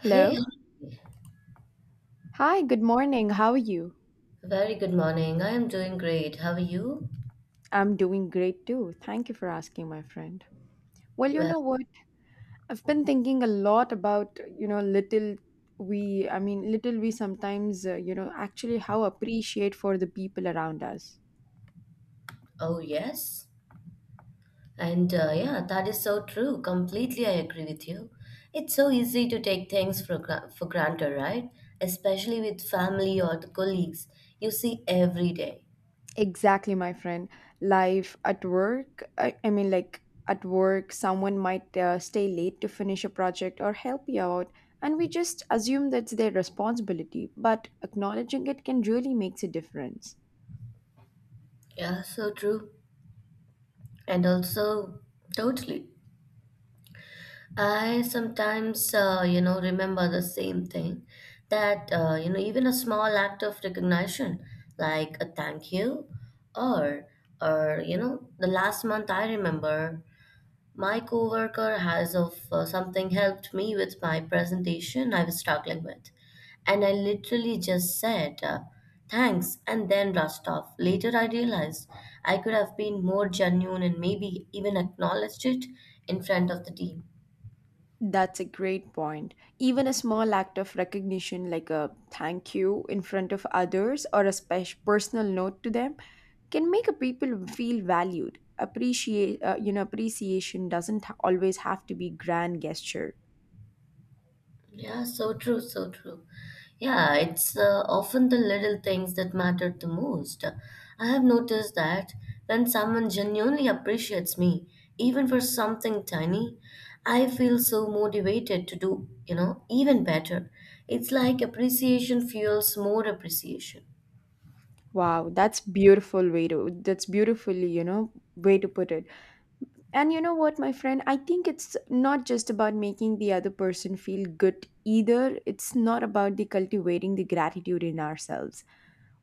Hey, Hello. Hi, good morning. How are you? very good morning. I am doing great. How are you? I'm doing great too. Thank you for asking, my friend. Well, you Well, know what? I've been thinking a lot about, little we, I mean, little we sometimes, actually how appreciate for the people around us. oh yes. And yeah, that is so true. Completely, I agree with you. It's so easy to take things for granted, right? Especially with family or the colleagues you see every day. Exactly, my friend. Life at work, I mean, like at work, someone might stay late to finish a project or help you out. And we just assume that's their responsibility, but acknowledging it can really makes a difference. Yeah, so true. And also, totally. I sometimes, remember the same thing that, even a small act of recognition, like a thank you, or, or, the last month I remember my coworker has of something helped me with my presentation I was struggling with. And I literally just said, thanks, and then rushed off. Later, I realized I could have been more genuine and maybe even acknowledged it in front of the team. That's a great point. Even a small act of recognition, like a thank you in front of others or a special personal note to them, can make a people feel valued. Appreciate, appreciation doesn't ha- always have to be grand gesture. Yeah, so true, so true. Yeah, it's often the little things that matter the most. I have noticed that when someone genuinely appreciates me, even for something tiny, I feel so motivated to do, even better. It's like appreciation fuels more appreciation. Wow, that's beautifully, way to put it. And you know what, my friend? I think it's not just about making the other person feel good either. It's not about the cultivating the gratitude in ourselves.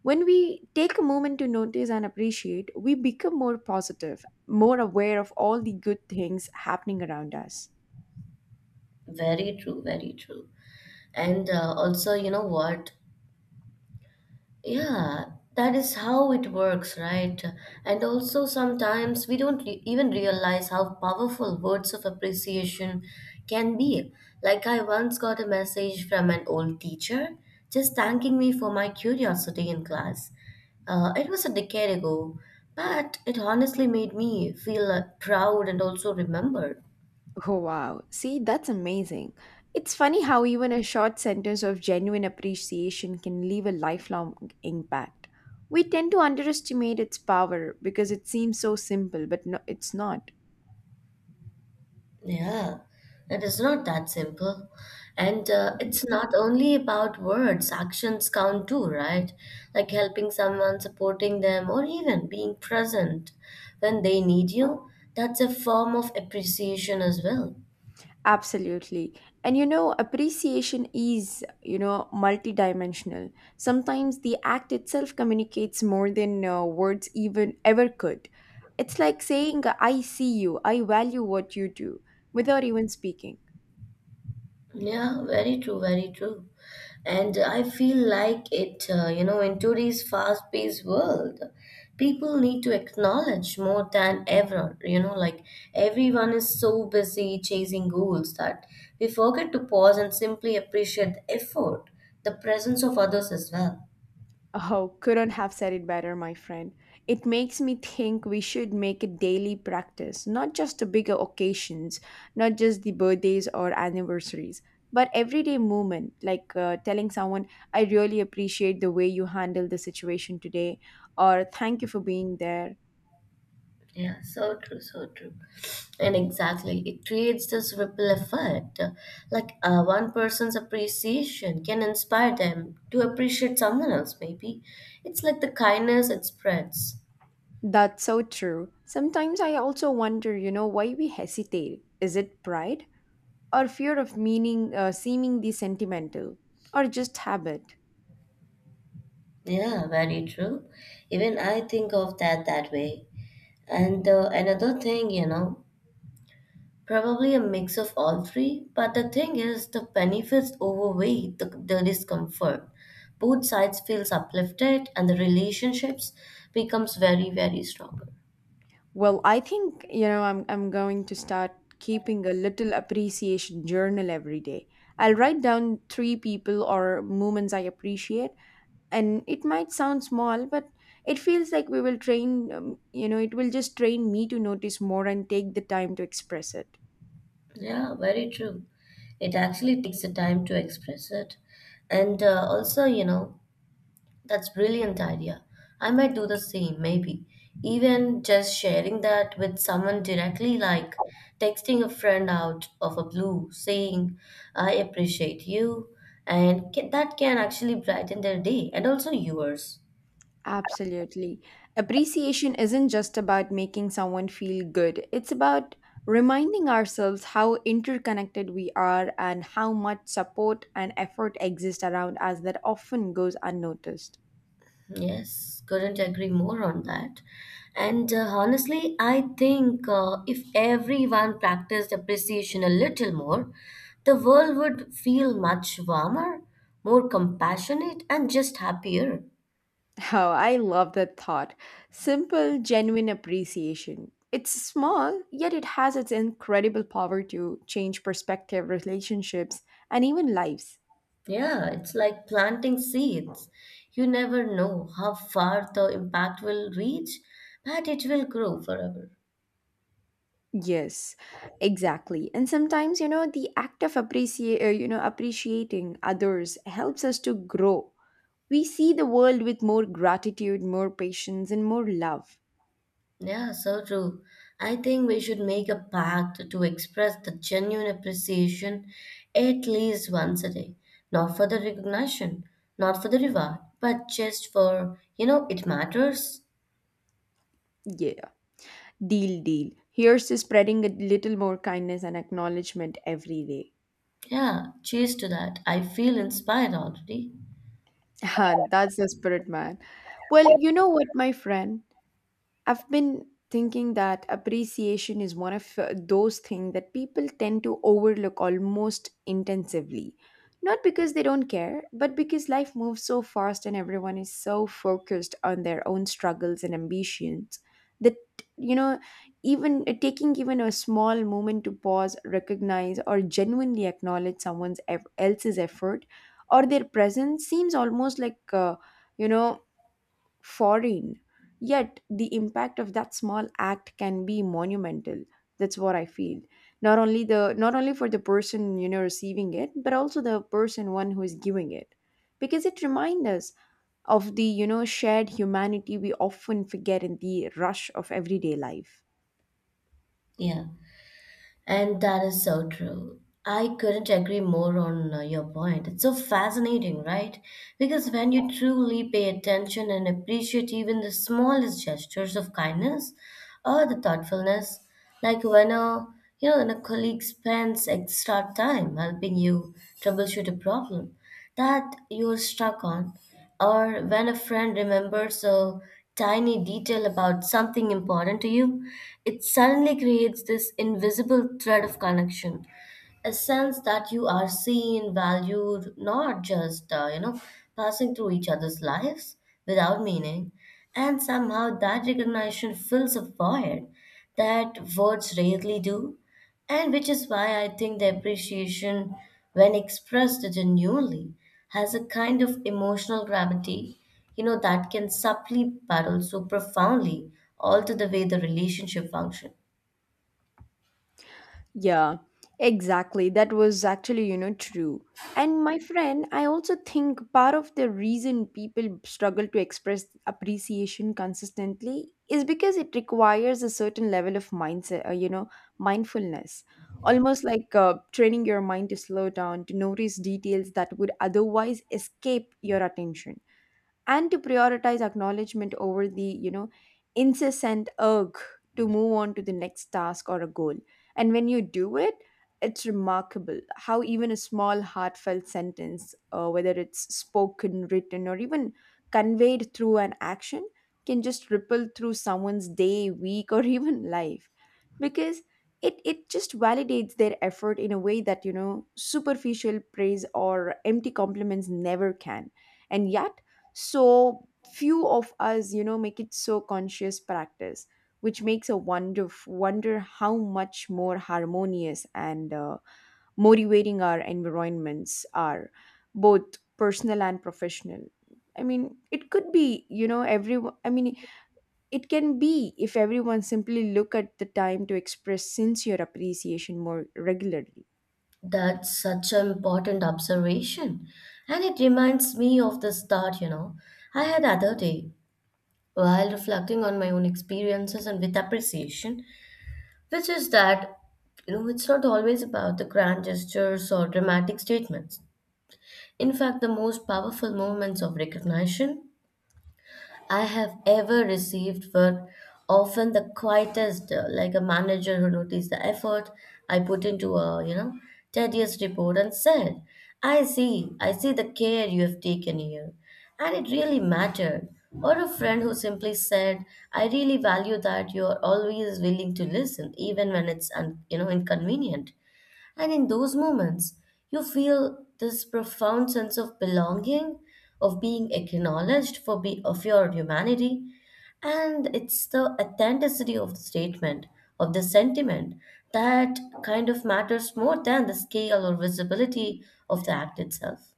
When we take a moment to notice and appreciate, we become more positive, more aware of all the good things happening around us. Very true, very true. And also, you know what? Yeah, that is how it works, right? And also, sometimes we don't re- even realize how powerful words of appreciation can be. Like, I once got a message from an old teacher just thanking me for my curiosity in class. It was a decade ago, but it honestly made me feel proud and also remembered. Oh, wow. See, that's amazing. It's funny how even a short sentence of genuine appreciation can leave a lifelong impact. We tend to underestimate its power because it seems so simple, but no, it's not. Yeah, it is not that simple. And it's not only about words, actions count too, right? Like helping someone, supporting them, or even being present when they need you. That's a form of appreciation as well. Absolutely. And you know, appreciation is, you know, multidimensional. Sometimes the act itself communicates more than words even ever could. It's like saying, I see you, I value what you do, without even speaking. Yeah, very true, very true. And I feel like in today's fast-paced world, people need to acknowledge more than ever, you know, like everyone is so busy chasing goals that we forget to pause and simply appreciate the effort, the presence of others as well. Oh, couldn't have said it better, my friend. It makes me think we should make a daily practice, not just the bigger occasions, not just the birthdays or anniversaries, but everyday movement, like telling someone, I really appreciate the way you handled the situation today, or thank you for being there. Yeah, so true, so true. And exactly, it creates this ripple effect. One person's appreciation can inspire them to appreciate someone else, maybe. It's like the kindness it spreads. That's so true. Sometimes I also wonder, you know, why we hesitate. Is it pride? Or fear of meaning, seeming the sentimental? Or just habit? Yeah, very true. Even I think of that that way. And another thing, you know, Probably a mix of all three, but the thing is, the benefits overweigh the discomfort. Both sides feels uplifted, and the relationships becomes very, very stronger. Well, I think, you know, I'm going to start keeping a little appreciation journal every day. I'll write down three people or moments I appreciate, and it might sound small, but it feels like we will train, it will just train me to notice more and take the time to express it. Yeah, very true. It actually takes the time to express it, and that's brilliant idea. I might do the same, maybe. Even just sharing that with someone directly, like texting a friend out of a blue, saying, I appreciate you, that can actually brighten their day and also yours. Absolutely. Appreciation isn't just about making someone feel good, it's about reminding ourselves how interconnected we are and how much support and effort exist around us that often goes unnoticed. Yes, couldn't agree more on that. And honestly, I think if everyone practiced appreciation a little more, the world would feel much warmer, more compassionate, and just happier. Oh, I love that thought. Simple, genuine appreciation. It's small, yet it has its incredible power to change perspective, relationships, and even lives. Yeah, it's like planting seeds. You never know how far the impact will reach, but it will grow forever. Yes, exactly. And sometimes, you know, the act of appreciate, appreciating others helps us to grow. We see the world with more gratitude, more patience, and more love. Yeah, so true. I think we should make a pact to express the genuine appreciation at least once a day. Not for the recognition, not for the reward, but just for, you know, it matters. Yeah, deal, deal. Here's to spreading a little more kindness and acknowledgement every day. Yeah, cheers to that. I feel inspired already. Ah, that's the spirit, man. Well, you know what, my friend? I've been thinking that appreciation is one of those things that people tend to overlook almost intensively. Not because they don't care, but because life moves so fast and everyone is so focused on their own struggles and ambitions that, you know, even taking even a small moment to pause, recognize, or genuinely acknowledge someone else's effort or their presence seems almost like, you know, foreign. Yet the impact of that small act can be monumental. That's what I feel. Not only for the person, you know, receiving it, but also the person one who is giving it. Because it reminds us of the, you know, shared humanity we often forget in the rush of everyday life. Yeah. And that is so true. I couldn't agree more on your point. It's so fascinating, right? Because when you truly pay attention and appreciate even the smallest gestures of kindness or the thoughtfulness, like when a when a colleague spends extra time helping you troubleshoot a problem, that you're stuck on, or when a friend remembers a tiny detail about something important to you, it suddenly creates this invisible thread of connection a sense that you are seen, valued, not just, passing through each other's lives without meaning. And somehow that recognition fills a void that words rarely do. And which is why I think the appreciation, when expressed genuinely, has a kind of emotional gravity, you know, that can subtly but also profoundly alter the way the relationship functions. Yeah, exactly. That was actually, you know, true. And my friend, I also think part of the reason people struggle to express appreciation consistently is because it requires a certain level of mindset, mindfulness. Almost like training your mind to slow down, to notice details that would otherwise escape your attention and to prioritize acknowledgement over the, you know, incessant urge to move on to the next task or a goal. And when you do it, it's remarkable how even a small heartfelt sentence, whether it's spoken, written, or even conveyed through an action, can just ripple through someone's day, week, or even life, because it just validates their effort in a way that, you know, superficial praise or empty compliments never can. And yet so few of us, you know, make it so conscious practice, which makes a wonder how much more harmonious and motivating our environments are, both personal and professional. I mean, it could be, you know, everyone. I mean, it can be if everyone simply look at the time to express sincere appreciation more regularly. That's such an important observation. And it reminds me of this thought, you know, I had the other day while reflecting on my own experiences and with appreciation, which is that, you know, it's not always about the grand gestures or dramatic statements. In fact, the most powerful moments of recognition I have ever received were often the quietest, like a manager who noticed the effort I put into a, tedious report and said, I see the care you have taken here. And it really mattered. Or a friend who simply said, I really value that you are always willing to listen, even when it's, inconvenient. And in those moments, you feel this profound sense of belonging, of being acknowledged for be of your humanity. And it's the authenticity of the statement, of the sentiment, that kind of matters more than the scale or visibility of the act itself.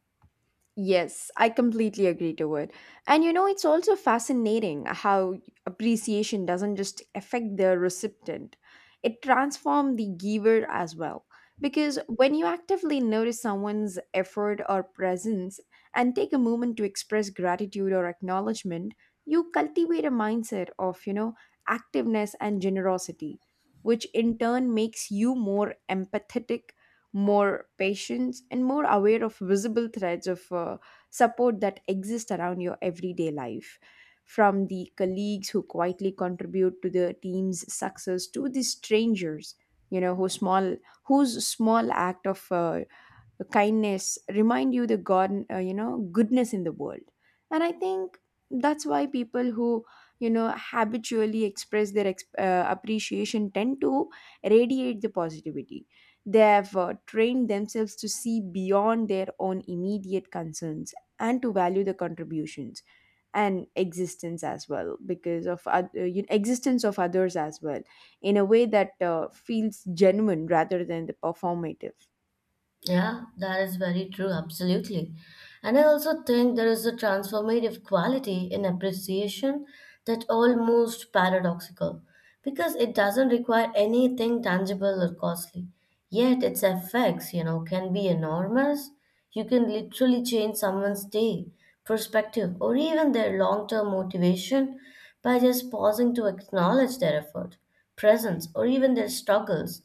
Yes, I completely agree to it. And you know, it's also fascinating how appreciation doesn't just affect the recipient, it transforms the giver as well. Because when you actively notice someone's effort or presence and take a moment to express gratitude or acknowledgement, you cultivate a mindset of, you know, activeness and generosity, which in turn makes you more empathetic, more patient, and more aware of visible threads of support that exist around your everyday life. From the colleagues who quietly contribute to the team's success to the strangers, you know, whose small act of your kindness remind you the god you know goodness in the world. And I think that's why people who, you know, habitually express their appreciation tend to radiate the positivity. They have trained themselves to see beyond their own immediate concerns and to value the contributions and existence as well, because of existence of others as well, in a way that feels genuine rather than the performative. Yeah, that is very true, absolutely. And I also think there is a transformative quality in appreciation that almost paradoxical because it doesn't require anything tangible or costly. Yet its effects, you know, can be enormous. You can literally change someone's day, perspective, or even their long-term motivation by just pausing to acknowledge their effort, presence, or even their struggles.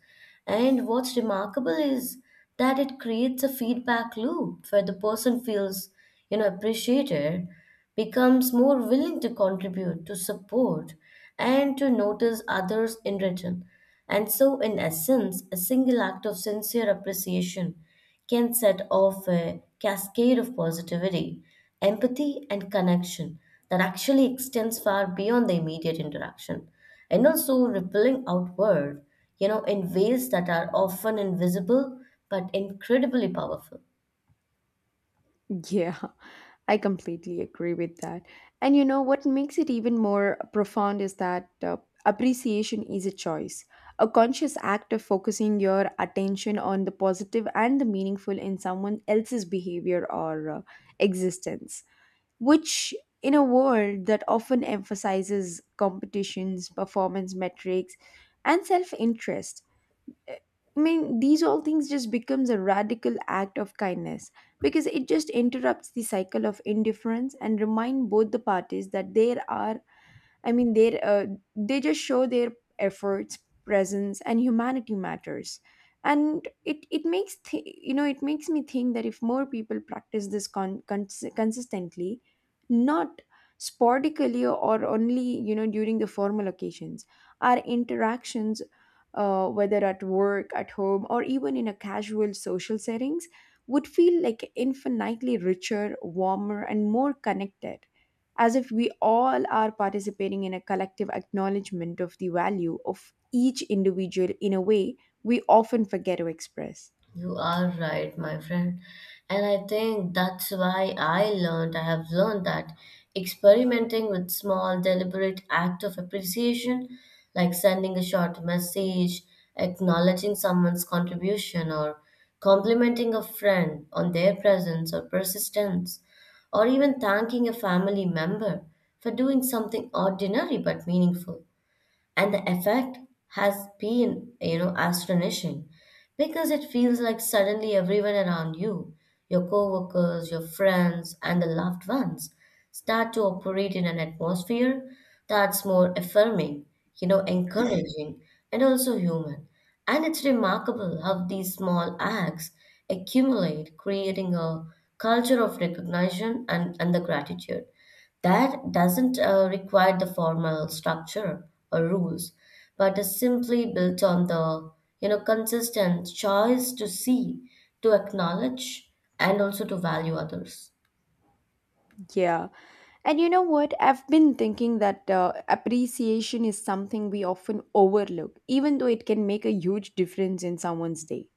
And what's remarkable is that it creates a feedback loop where the person feels you know appreciated becomes more willing to contribute to support and to notice others in return, and so in essence a single act of sincere appreciation can set off a cascade of positivity, empathy, and connection that actually extends far beyond the immediate interaction and also rippling outward, you know, in ways that are often invisible but incredibly powerful. Yeah, I completely agree with that. And you know what makes it even more profound is that appreciation is a choice, a conscious act of focusing your attention on the positive and the meaningful in someone else's behavior or existence, which in a world that often emphasizes competitions, performance metrics, and self-interest, eh, I mean, these all things just becomes a radical act of kindness, because it just interrupts the cycle of indifference and remind both the parties that there are, I mean, they just show their efforts, presence, and humanity matters. And it makes you know it makes me think that if more people practice this consistently, not sporadically or only, you know, during the formal occasions, our interactions, whether at work, at home, or even in a casual social settings, would feel like infinitely richer, warmer, and more connected, as if we all are participating in a collective acknowledgement of the value of each individual in a way we often forget to express. You are right, my friend. And I think that's why I have learned that experimenting with small, deliberate act of appreciation, like sending a short message, acknowledging someone's contribution, or complimenting a friend on their presence or persistence, or even thanking a family member for doing something ordinary but meaningful, and the effect has been you know astonishing because it feels like suddenly everyone around you, your coworkers, your friends, and the loved ones start to operate in an atmosphere that's more affirming, you know, encouraging and also human. And it's remarkable how these small acts accumulate, creating a culture of recognition and the gratitude that doesn't require the formal structure or rules, but is simply built on the you know consistent choice to see, to acknowledge, and also to value others. Yeah. And you know what? I've been thinking that appreciation is something we often overlook, even though it can make a huge difference in someone's day.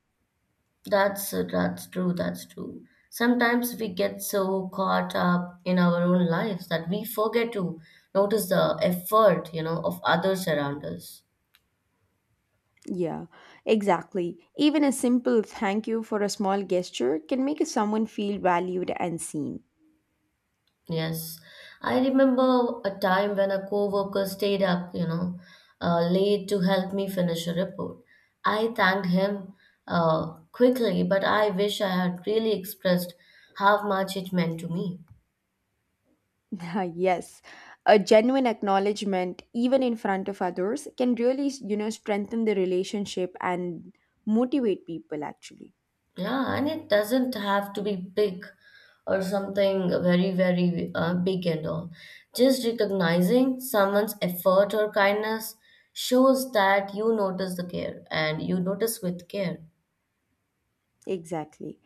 That's true. That's true. Sometimes we get so caught up in our own lives that we forget to notice the effort you know of others around us. Yeah, exactly. Even a simple thank you for a small gesture can make someone feel valued and seen. Yes, I remember a time when a coworker stayed up, late to help me finish a report. I thanked him quickly, but I wish I had really expressed how much it meant to me. Yes, a genuine acknowledgement, even in front of others, can really, you know, strengthen the relationship and motivate people actually. Yeah, and it doesn't have to be big or something very, very big and all. Just recognizing someone's effort or kindness shows that you notice the care and you notice with care. Exactly.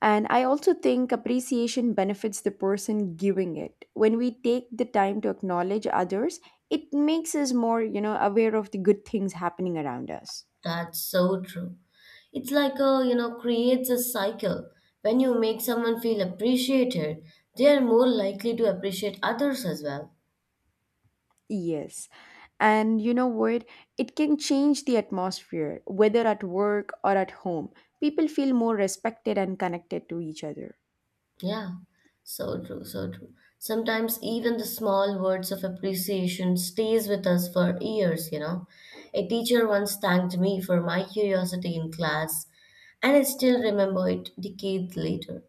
And I also think appreciation benefits the person giving it. When we take the time to acknowledge others, it makes us more, you know, aware of the good things happening around us. That's so true. It's like a you know creates a cycle when you make someone feel appreciated they are more likely to appreciate others as well. Yes. And you know what? It can change the atmosphere, whether at work or at home. People feel more respected and connected to each other. Yeah, so true, so true. Sometimes even the small words of appreciation stays with us for years, you know, a teacher once thanked me for my curiosity in class, and I still remember it decades later.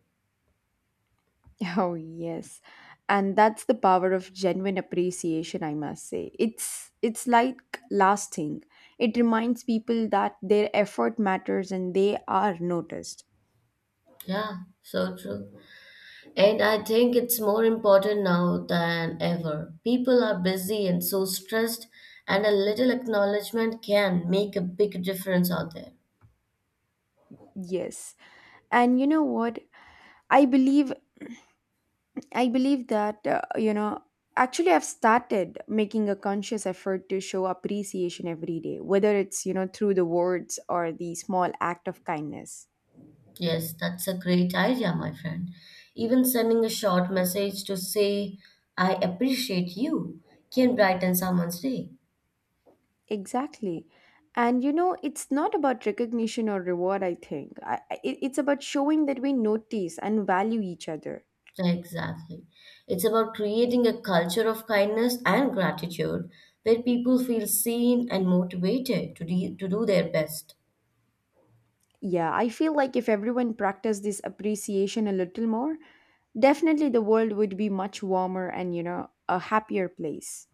Oh, yes. And that's the power of genuine appreciation, I must say. It's like lasting. It reminds people that their effort matters and they are noticed. Yeah, so true. And I think it's more important now than ever. People are busy and so stressed, and a little acknowledgement can make a big difference out there. Yes. And you know what? I believe I believe that, I've started making a conscious effort to show appreciation every day, whether it's, you know, through the words or the small act of kindness. Yes, that's a great idea, my friend. Even sending a short message to say, I appreciate you, can brighten someone's day. Exactly. And, you know, it's not about recognition or reward, I think. It's about showing that we notice and value each other. Exactly. It's about creating a culture of kindness and gratitude where people feel seen and motivated to do their best. Yeah, I feel like if everyone practiced this appreciation a little more, definitely the world would be much warmer and, you know, a happier place.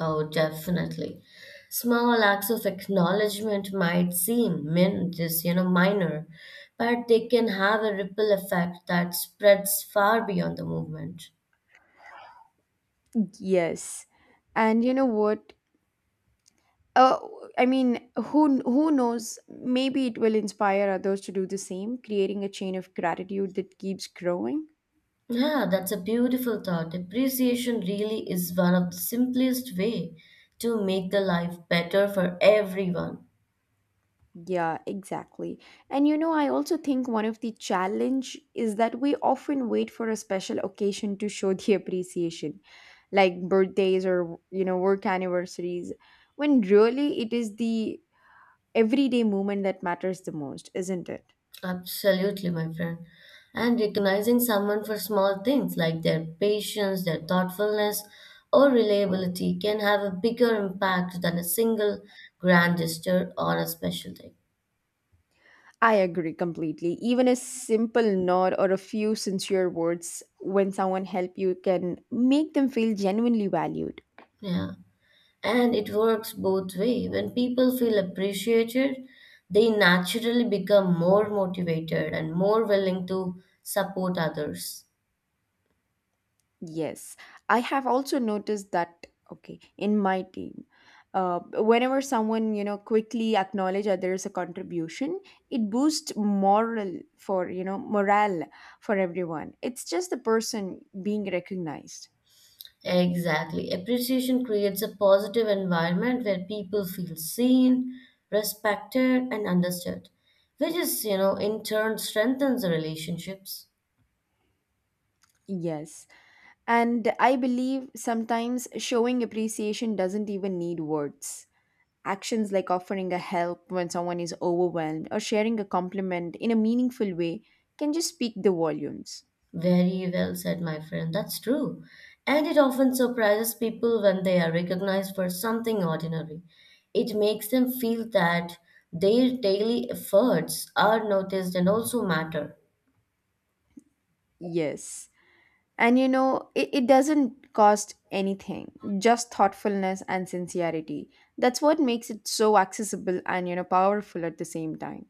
Oh, definitely. Small acts of acknowledgement might seem you know, minor, but they can have a ripple effect that spreads far beyond the movement. Yes. And you know what? Uh, I mean, who knows? Maybe it will inspire others to do the same, creating a chain of gratitude that keeps growing. Yeah, that's a beautiful thought. Appreciation really is one of the simplest way to make the life better for everyone. Yeah, exactly. And you know, I also think one of the challenge is that we often wait for a special occasion to show the appreciation, like birthdays or you know work anniversaries, when really it is the everyday movement that matters the most, isn't it? Absolutely, my friend. And recognizing someone for small things like their patience, their thoughtfulness, or reliability can have a bigger impact than a single grand gesture on a special day. I agree completely. Even a simple nod or a few sincere words when someone help you can make them feel genuinely valued. Yeah. And it works both way. When people feel appreciated, they naturally become more motivated and more willing to support others. Yes, I have also noticed that, okay, in my team, whenever someone, you know, quickly acknowledge others a contribution, it boosts moral for, you know, morale for everyone. It's just the person being recognized. Exactly. Appreciation creates a positive environment where people feel seen, respected, and understood, which is, you know, in turn strengthens the relationships. Yes. And I believe sometimes showing appreciation doesn't even need words. Actions like offering a help when someone is overwhelmed or sharing a compliment in a meaningful way can just speak the volumes. Very well said, my friend. That's true. And it often surprises people when they are recognized for something ordinary. It makes them feel that their daily efforts are noticed and also matter. Yes. And you know, it doesn't cost anything, just thoughtfulness and sincerity. That's what makes it so accessible and, you know, powerful at the same time.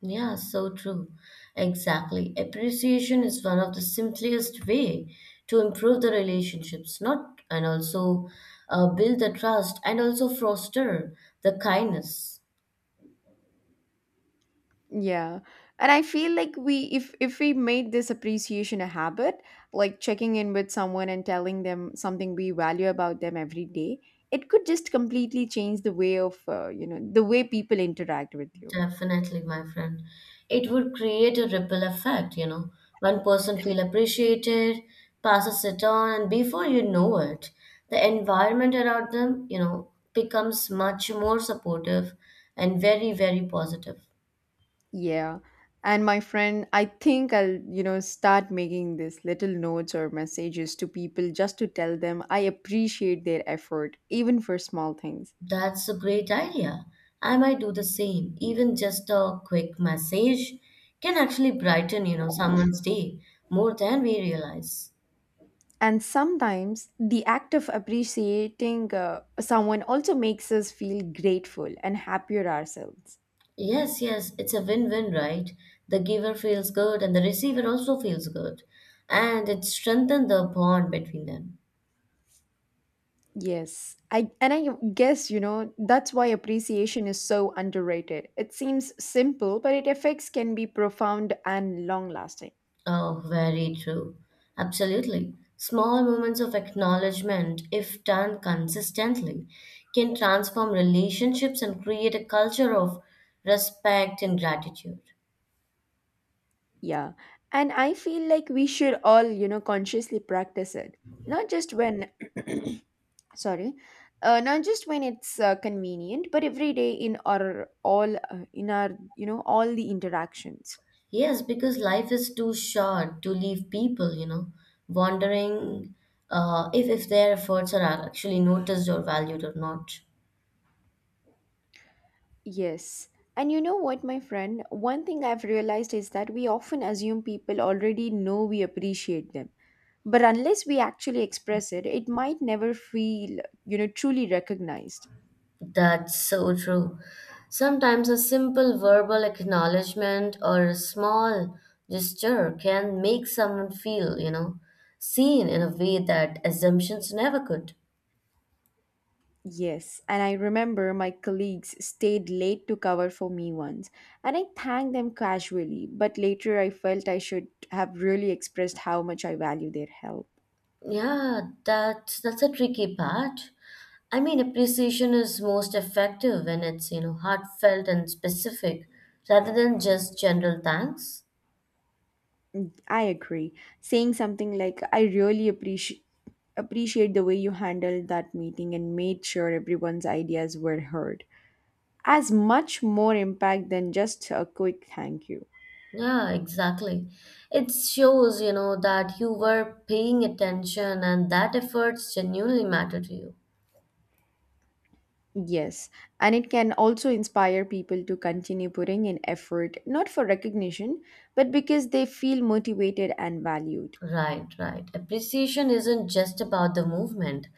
Yeah, so true. Exactly. Appreciation is one of the simplest way to improve the relationships, not and also build the trust and also foster the kindness. Yeah. And I feel like we if we made this appreciation a habit, like checking in with someone and telling them something we value about them every day, it could just completely change the way of, you know, the way people interact with you. Definitely, my friend. It would create a ripple effect, you know. One person feel appreciated, passes it on, and before you know it, the environment around them, you know, becomes much more supportive and very, very positive. Yeah. And my friend, I think I'll, you know, start making these little notes or messages to people just to tell them I appreciate their effort, even for small things. That's a great idea. I might do the same. Even just a quick message can actually brighten, you know, someone's day more than we realize. And sometimes the act of appreciating someone also makes us feel grateful and happier ourselves. Yes, yes, it's a win-win, right? The giver feels good and the receiver also feels good, and it strengthens the bond between them. Yes. I and I guess, you know, that's why appreciation is so underrated. It seems simple, but its effects can be profound and long-lasting. Oh, very true. Absolutely. Small moments of acknowledgement, if done consistently, can transform relationships and create a culture of respect and gratitude. Yeah. And I feel like we should all, you know, consciously practice it. Not just when, sorry, not just when it's convenient, but every day in our all, in our, you know, all the interactions. Yes, because life is too short to leave people, you know, wondering if their efforts are actually noticed or valued or not. Yes. And you know what, my friend? One thing I've realized is that we often assume people already know we appreciate them. But unless we actually express it, it might never feel, you know, truly recognized. That's so true. Sometimes a simple verbal acknowledgement or a small gesture can make someone feel, you know, seen in a way that assumptions never could. Yes, and I remember my colleagues stayed late to cover for me once, and I thanked them casually, but later I felt I should have really expressed how much I value their help. Yeah, that's a tricky part. I mean, appreciation is most effective when it's, you know, heartfelt and specific rather than just general thanks. I agree. Saying something like, I really appreciate the way you handled that meeting and made sure everyone's ideas were heard has much more impact than just a quick thank you. Yeah, exactly. It shows, you know, that you were paying attention and that efforts genuinely matter to you. Yes, and it can also inspire people to continue putting in effort, not for recognition, but because they feel motivated and valued. Right, right. Appreciation isn't just about the movement.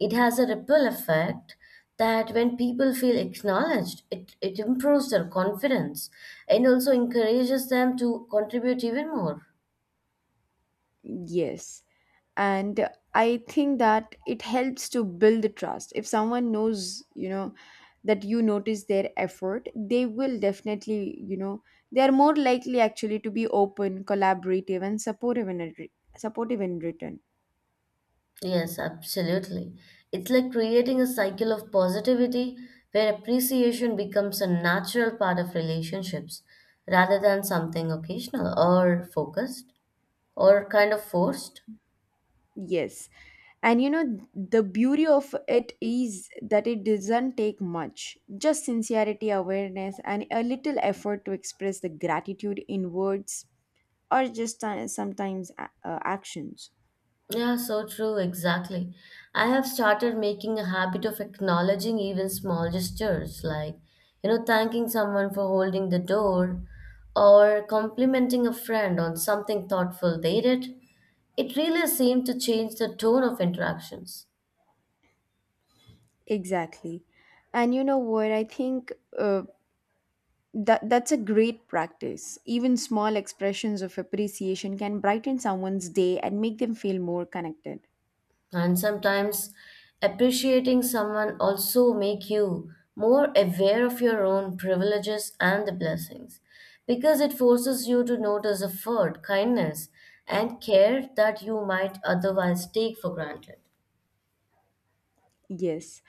It has a ripple effect that when people feel acknowledged, it improves their confidence and also encourages them to contribute even more. Yes, and I think that it helps to build trust. If someone knows, you know, that you notice their effort, they will definitely, you know, they are more likely actually to be open, collaborative, and supportive in return. Yes, absolutely. It's like creating a cycle of positivity where appreciation becomes a natural part of relationships rather than something occasional or focused or kind of forced. Yes. And you know, the beauty of it is that it doesn't take much. Just sincerity, awareness, and a little effort to express the gratitude in words or just actions. Yeah, so true, exactly. I have started making a habit of acknowledging even small gestures like, you know, thanking someone for holding the door or complimenting a friend on something thoughtful they did. It really seemed to change the tone of interactions. Exactly. And you know what? I think that's a great practice. Even small expressions of appreciation can brighten someone's day and make them feel more connected. And sometimes appreciating someone also make you more aware of your own privileges and the blessings because it forces you to notice effort, kindness and care that you might otherwise take for granted. Yes,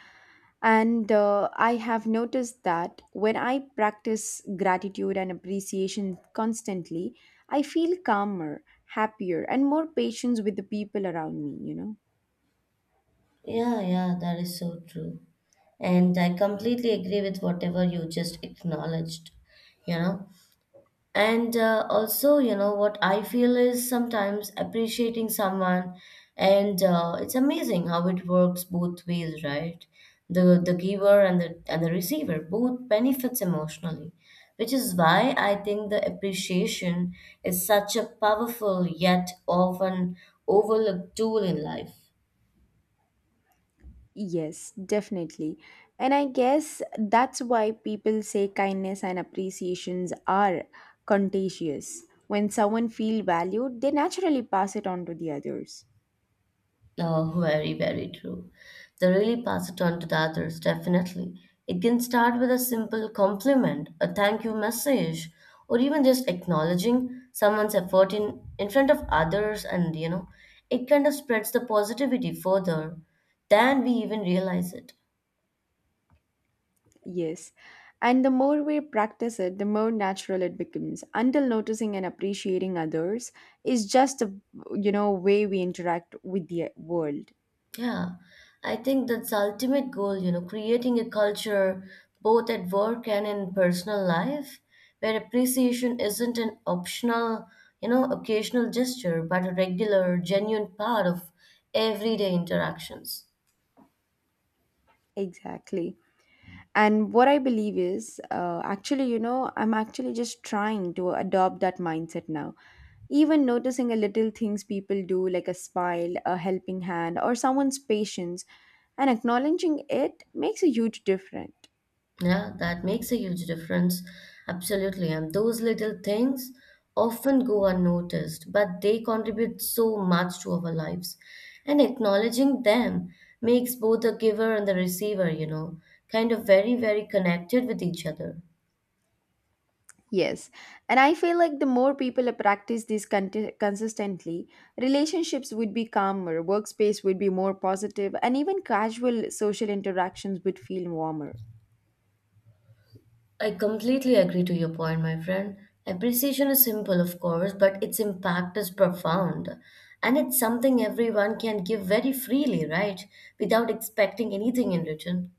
and I have noticed that when I practice gratitude and appreciation constantly, I feel calmer, happier, and more patient with the people around me, you know. Yeah, yeah, that is so true. And I completely agree with whatever you just acknowledged, you know. And also, you know what I feel is sometimes appreciating someone and it's amazing how it works both ways, right? The giver and the receiver both benefits emotionally, which is why I think the appreciation is such a powerful yet often overlooked tool in life. Yes, definitely. And I guess that's why people say kindness and appreciations are contagious. When someone feels valued, they naturally pass it on to the others. Oh, very, very true. They really pass it on to the others, definitely. It can start with a simple compliment, a thank you message, or even just acknowledging someone's effort in front of others, and you know, it kind of spreads the positivity further than we even realize it. Yes. And the more we practice it, the more natural it becomes until noticing and appreciating others is just a you know way we interact with the world. Yeah, I think that's the ultimate goal, you know, creating a culture both at work and in personal life where appreciation isn't an optional, you know, occasional gesture, but a regular, genuine part of everyday interactions. Exactly. And what I believe is actually, you know, I'm actually just trying to adopt that mindset now. Even noticing a little things people do, like a smile, a helping hand, or someone's patience, and acknowledging it makes a huge difference. Yeah, that makes a huge difference. Absolutely. And those little things often go unnoticed, but they contribute so much to our lives. And acknowledging them makes both the giver and the receiver, you know, kind of very, very connected with each other. Yes, and I feel like the more people practice this consistently, relationships would be calmer, workspace would be more positive, and even casual social interactions would feel warmer. I completely agree to your point, my friend. Appreciation is simple, of course, but its impact is profound. And it's something everyone can give very freely, right? Without expecting anything in return.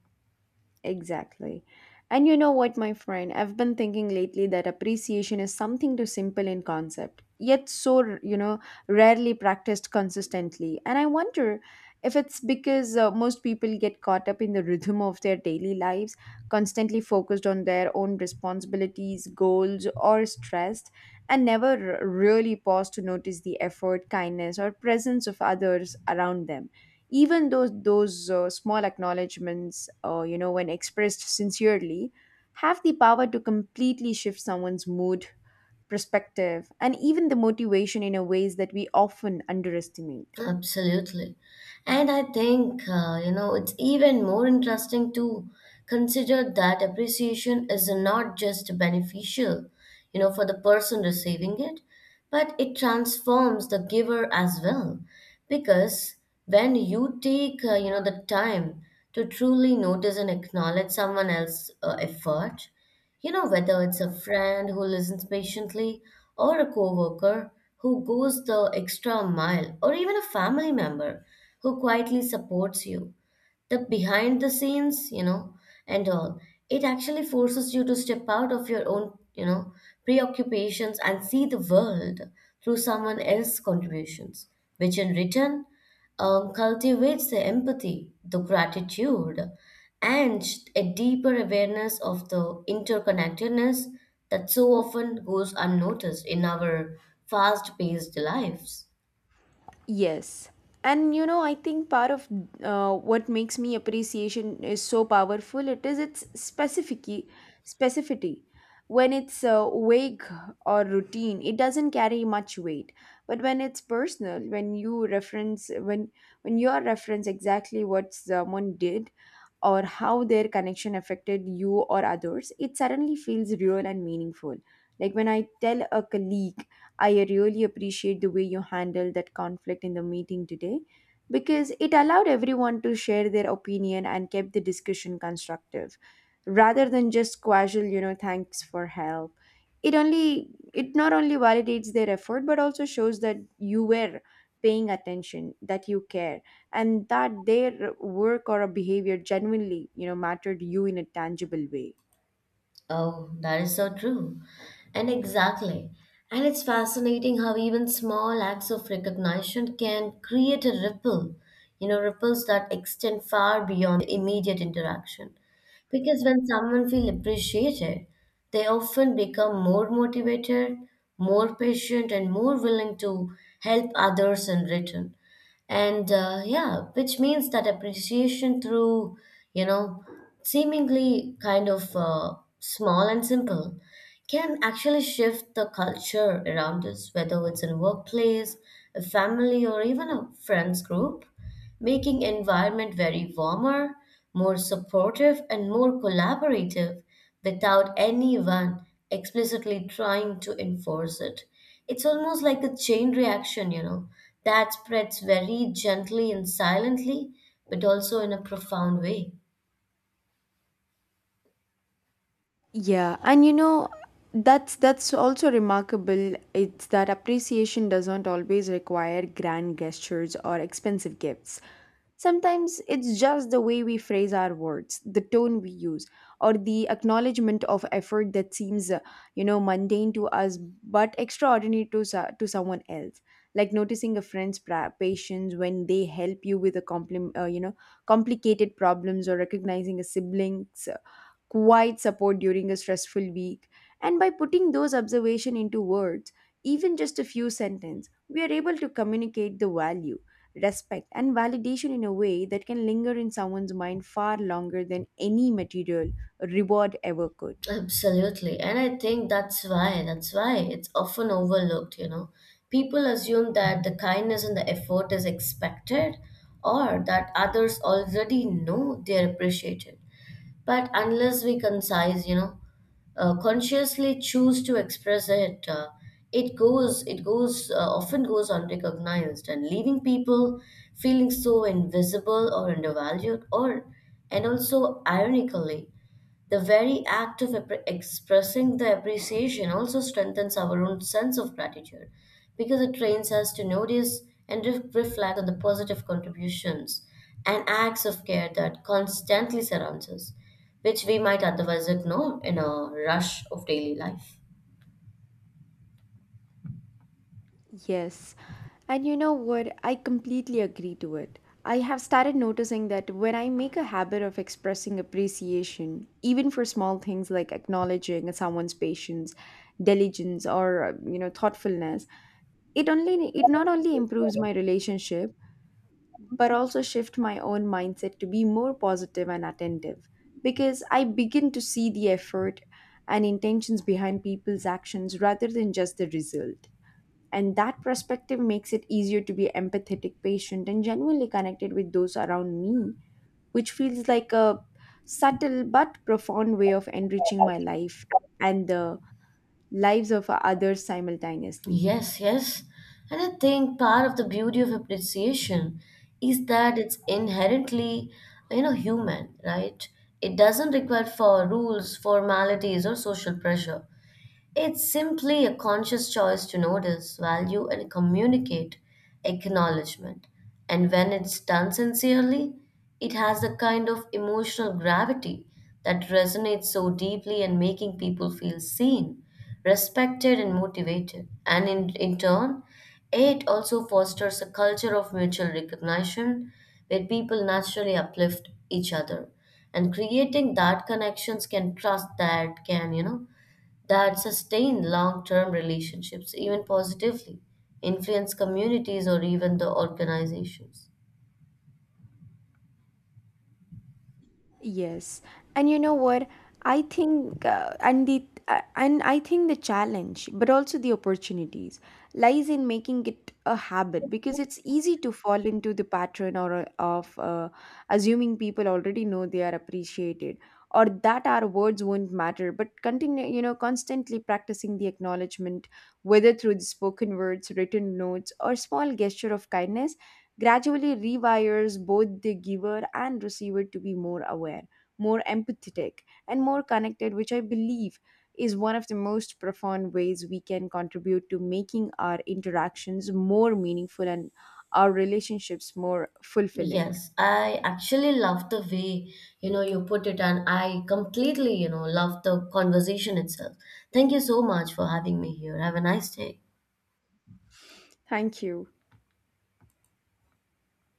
Exactly. And you know what, my friend? I've been thinking lately that appreciation is something too simple in concept, yet so, you know, rarely practiced consistently. And I wonder if it's because most people get caught up in the rhythm of their daily lives, constantly focused on their own responsibilities, goals, or stressed, and never really pause to notice the effort, kindness, or presence of others around them, even though those small acknowledgments, you know, when expressed sincerely, have the power to completely shift someone's mood, perspective, and even the motivation in a ways that we often underestimate. Absolutely. And I think, you know, it's even more interesting to consider that appreciation is not just beneficial, you know, for the person receiving it, but it transforms the giver as well. Because when you take, you know, the time to truly notice and acknowledge someone else's effort, you know, whether it's a friend who listens patiently, or a coworker who goes the extra mile, or even a family member who quietly supports you, the behind the scenes, you know, and all, it actually forces you to step out of your own, you know, preoccupations and see the world through someone else's contributions, which in return cultivates the empathy, the gratitude, and a deeper awareness of the interconnectedness that so often goes unnoticed in our fast paced lives. Yes. And you know, I think part of what makes me appreciation is so powerful. It is its specificity. When it's vague or routine, it doesn't carry much weight. But when it's personal, when you are reference exactly what someone did or how their connection affected you or others, it suddenly feels real and meaningful. Like when I tell a colleague, I really appreciate the way you handled that conflict in the meeting today because it allowed everyone to share their opinion and kept the discussion constructive rather than just casual, you know, thanks for help. It only it not only validates their effort but also shows that you were paying attention, that you care, and that their work or a behavior genuinely, you know, mattered you in a tangible way. Oh, that is so true. And exactly. And it's fascinating how even small acts of recognition can create a ripple, you know, ripples that extend far beyond the immediate interaction. Because when someone feels appreciated, they often become more motivated, more patient, and more willing to help others in return. And yeah, which means that appreciation through, you know, seemingly kind of small and simple can actually shift the culture around us, whether it's in a workplace, a family, or even a friends group, making environment very warmer, more supportive, and more collaborative without anyone explicitly trying to enforce it. It's almost like a chain reaction, you know, that spreads very gently and silently, but also in a profound way. Yeah, and you know that's also remarkable. It's that appreciation doesn't always require grand gestures or expensive gifts. Sometimes it's just the way we phrase our words, the tone we use, or the acknowledgement of effort that seems, you know, mundane to us but extraordinary to to someone else. Like noticing a friend's patience when they help you with a you know, complicated problems, or recognizing a sibling's quite support during a stressful week. And by putting those observations into words, even just a few sentences, we are able to communicate the value, respect, and validation in a way that can linger in someone's mind far longer than any material reward ever could. Absolutely. And I think that's why it's often overlooked, you know. People assume that the kindness and the effort is expected or that others already know they're appreciated. But unless we concise, you know, consciously choose to express it, it often goes unrecognized and leaving people feeling so invisible or undervalued or, and also ironically the very act of expressing the appreciation also strengthens our own sense of gratitude because it trains us to notice and reflect on the positive contributions and acts of care that constantly surrounds us, which we might otherwise ignore in a rush of daily life. Yes. And you know what? I completely agree to it. I have started noticing that when I make a habit of expressing appreciation, even for small things like acknowledging someone's patience, diligence, or you know, thoughtfulness, it only it not only improves my relationship but also shift my own mindset to be more positive and attentive because I begin to see the effort and intentions behind people's actions rather than just the result. And that perspective makes it easier to be empathetic, patient, and genuinely connected with those around me, which feels like a subtle but profound way of enriching my life and the lives of others simultaneously. Yes, yes. And I think part of the beauty of appreciation is that it's inherently, you know, human, right? It doesn't require for rules, formalities, or social pressure. It's simply a conscious choice to notice, value, and communicate acknowledgement. And when it's done sincerely, it has the kind of emotional gravity that resonates so deeply and making people feel seen, respected, and motivated. And in turn, it also fosters a culture of mutual recognition where people naturally uplift each other. And creating that connections can trust that can, you know, that sustain long term relationships, even positively, influence communities or even the organizations. Yes, and you know what? I think, and I think the challenge, but also the opportunities, lies in making it a habit because it's easy to fall into the pattern or of assuming people already know they are appreciated or that our words won't matter. But continue, you know, constantly practicing the acknowledgement, whether through the spoken words, written notes, or small gesture of kindness, gradually rewires both the giver and receiver to be more aware, more empathetic, and more connected, which I believe is one of the most profound ways we can contribute to making our interactions more meaningful and our relationships more fulfilling. Yes, I actually love the way, you know, you put it, and I completely, you know, love the conversation itself. Thank you so much for having me here. Have a nice day. Thank you.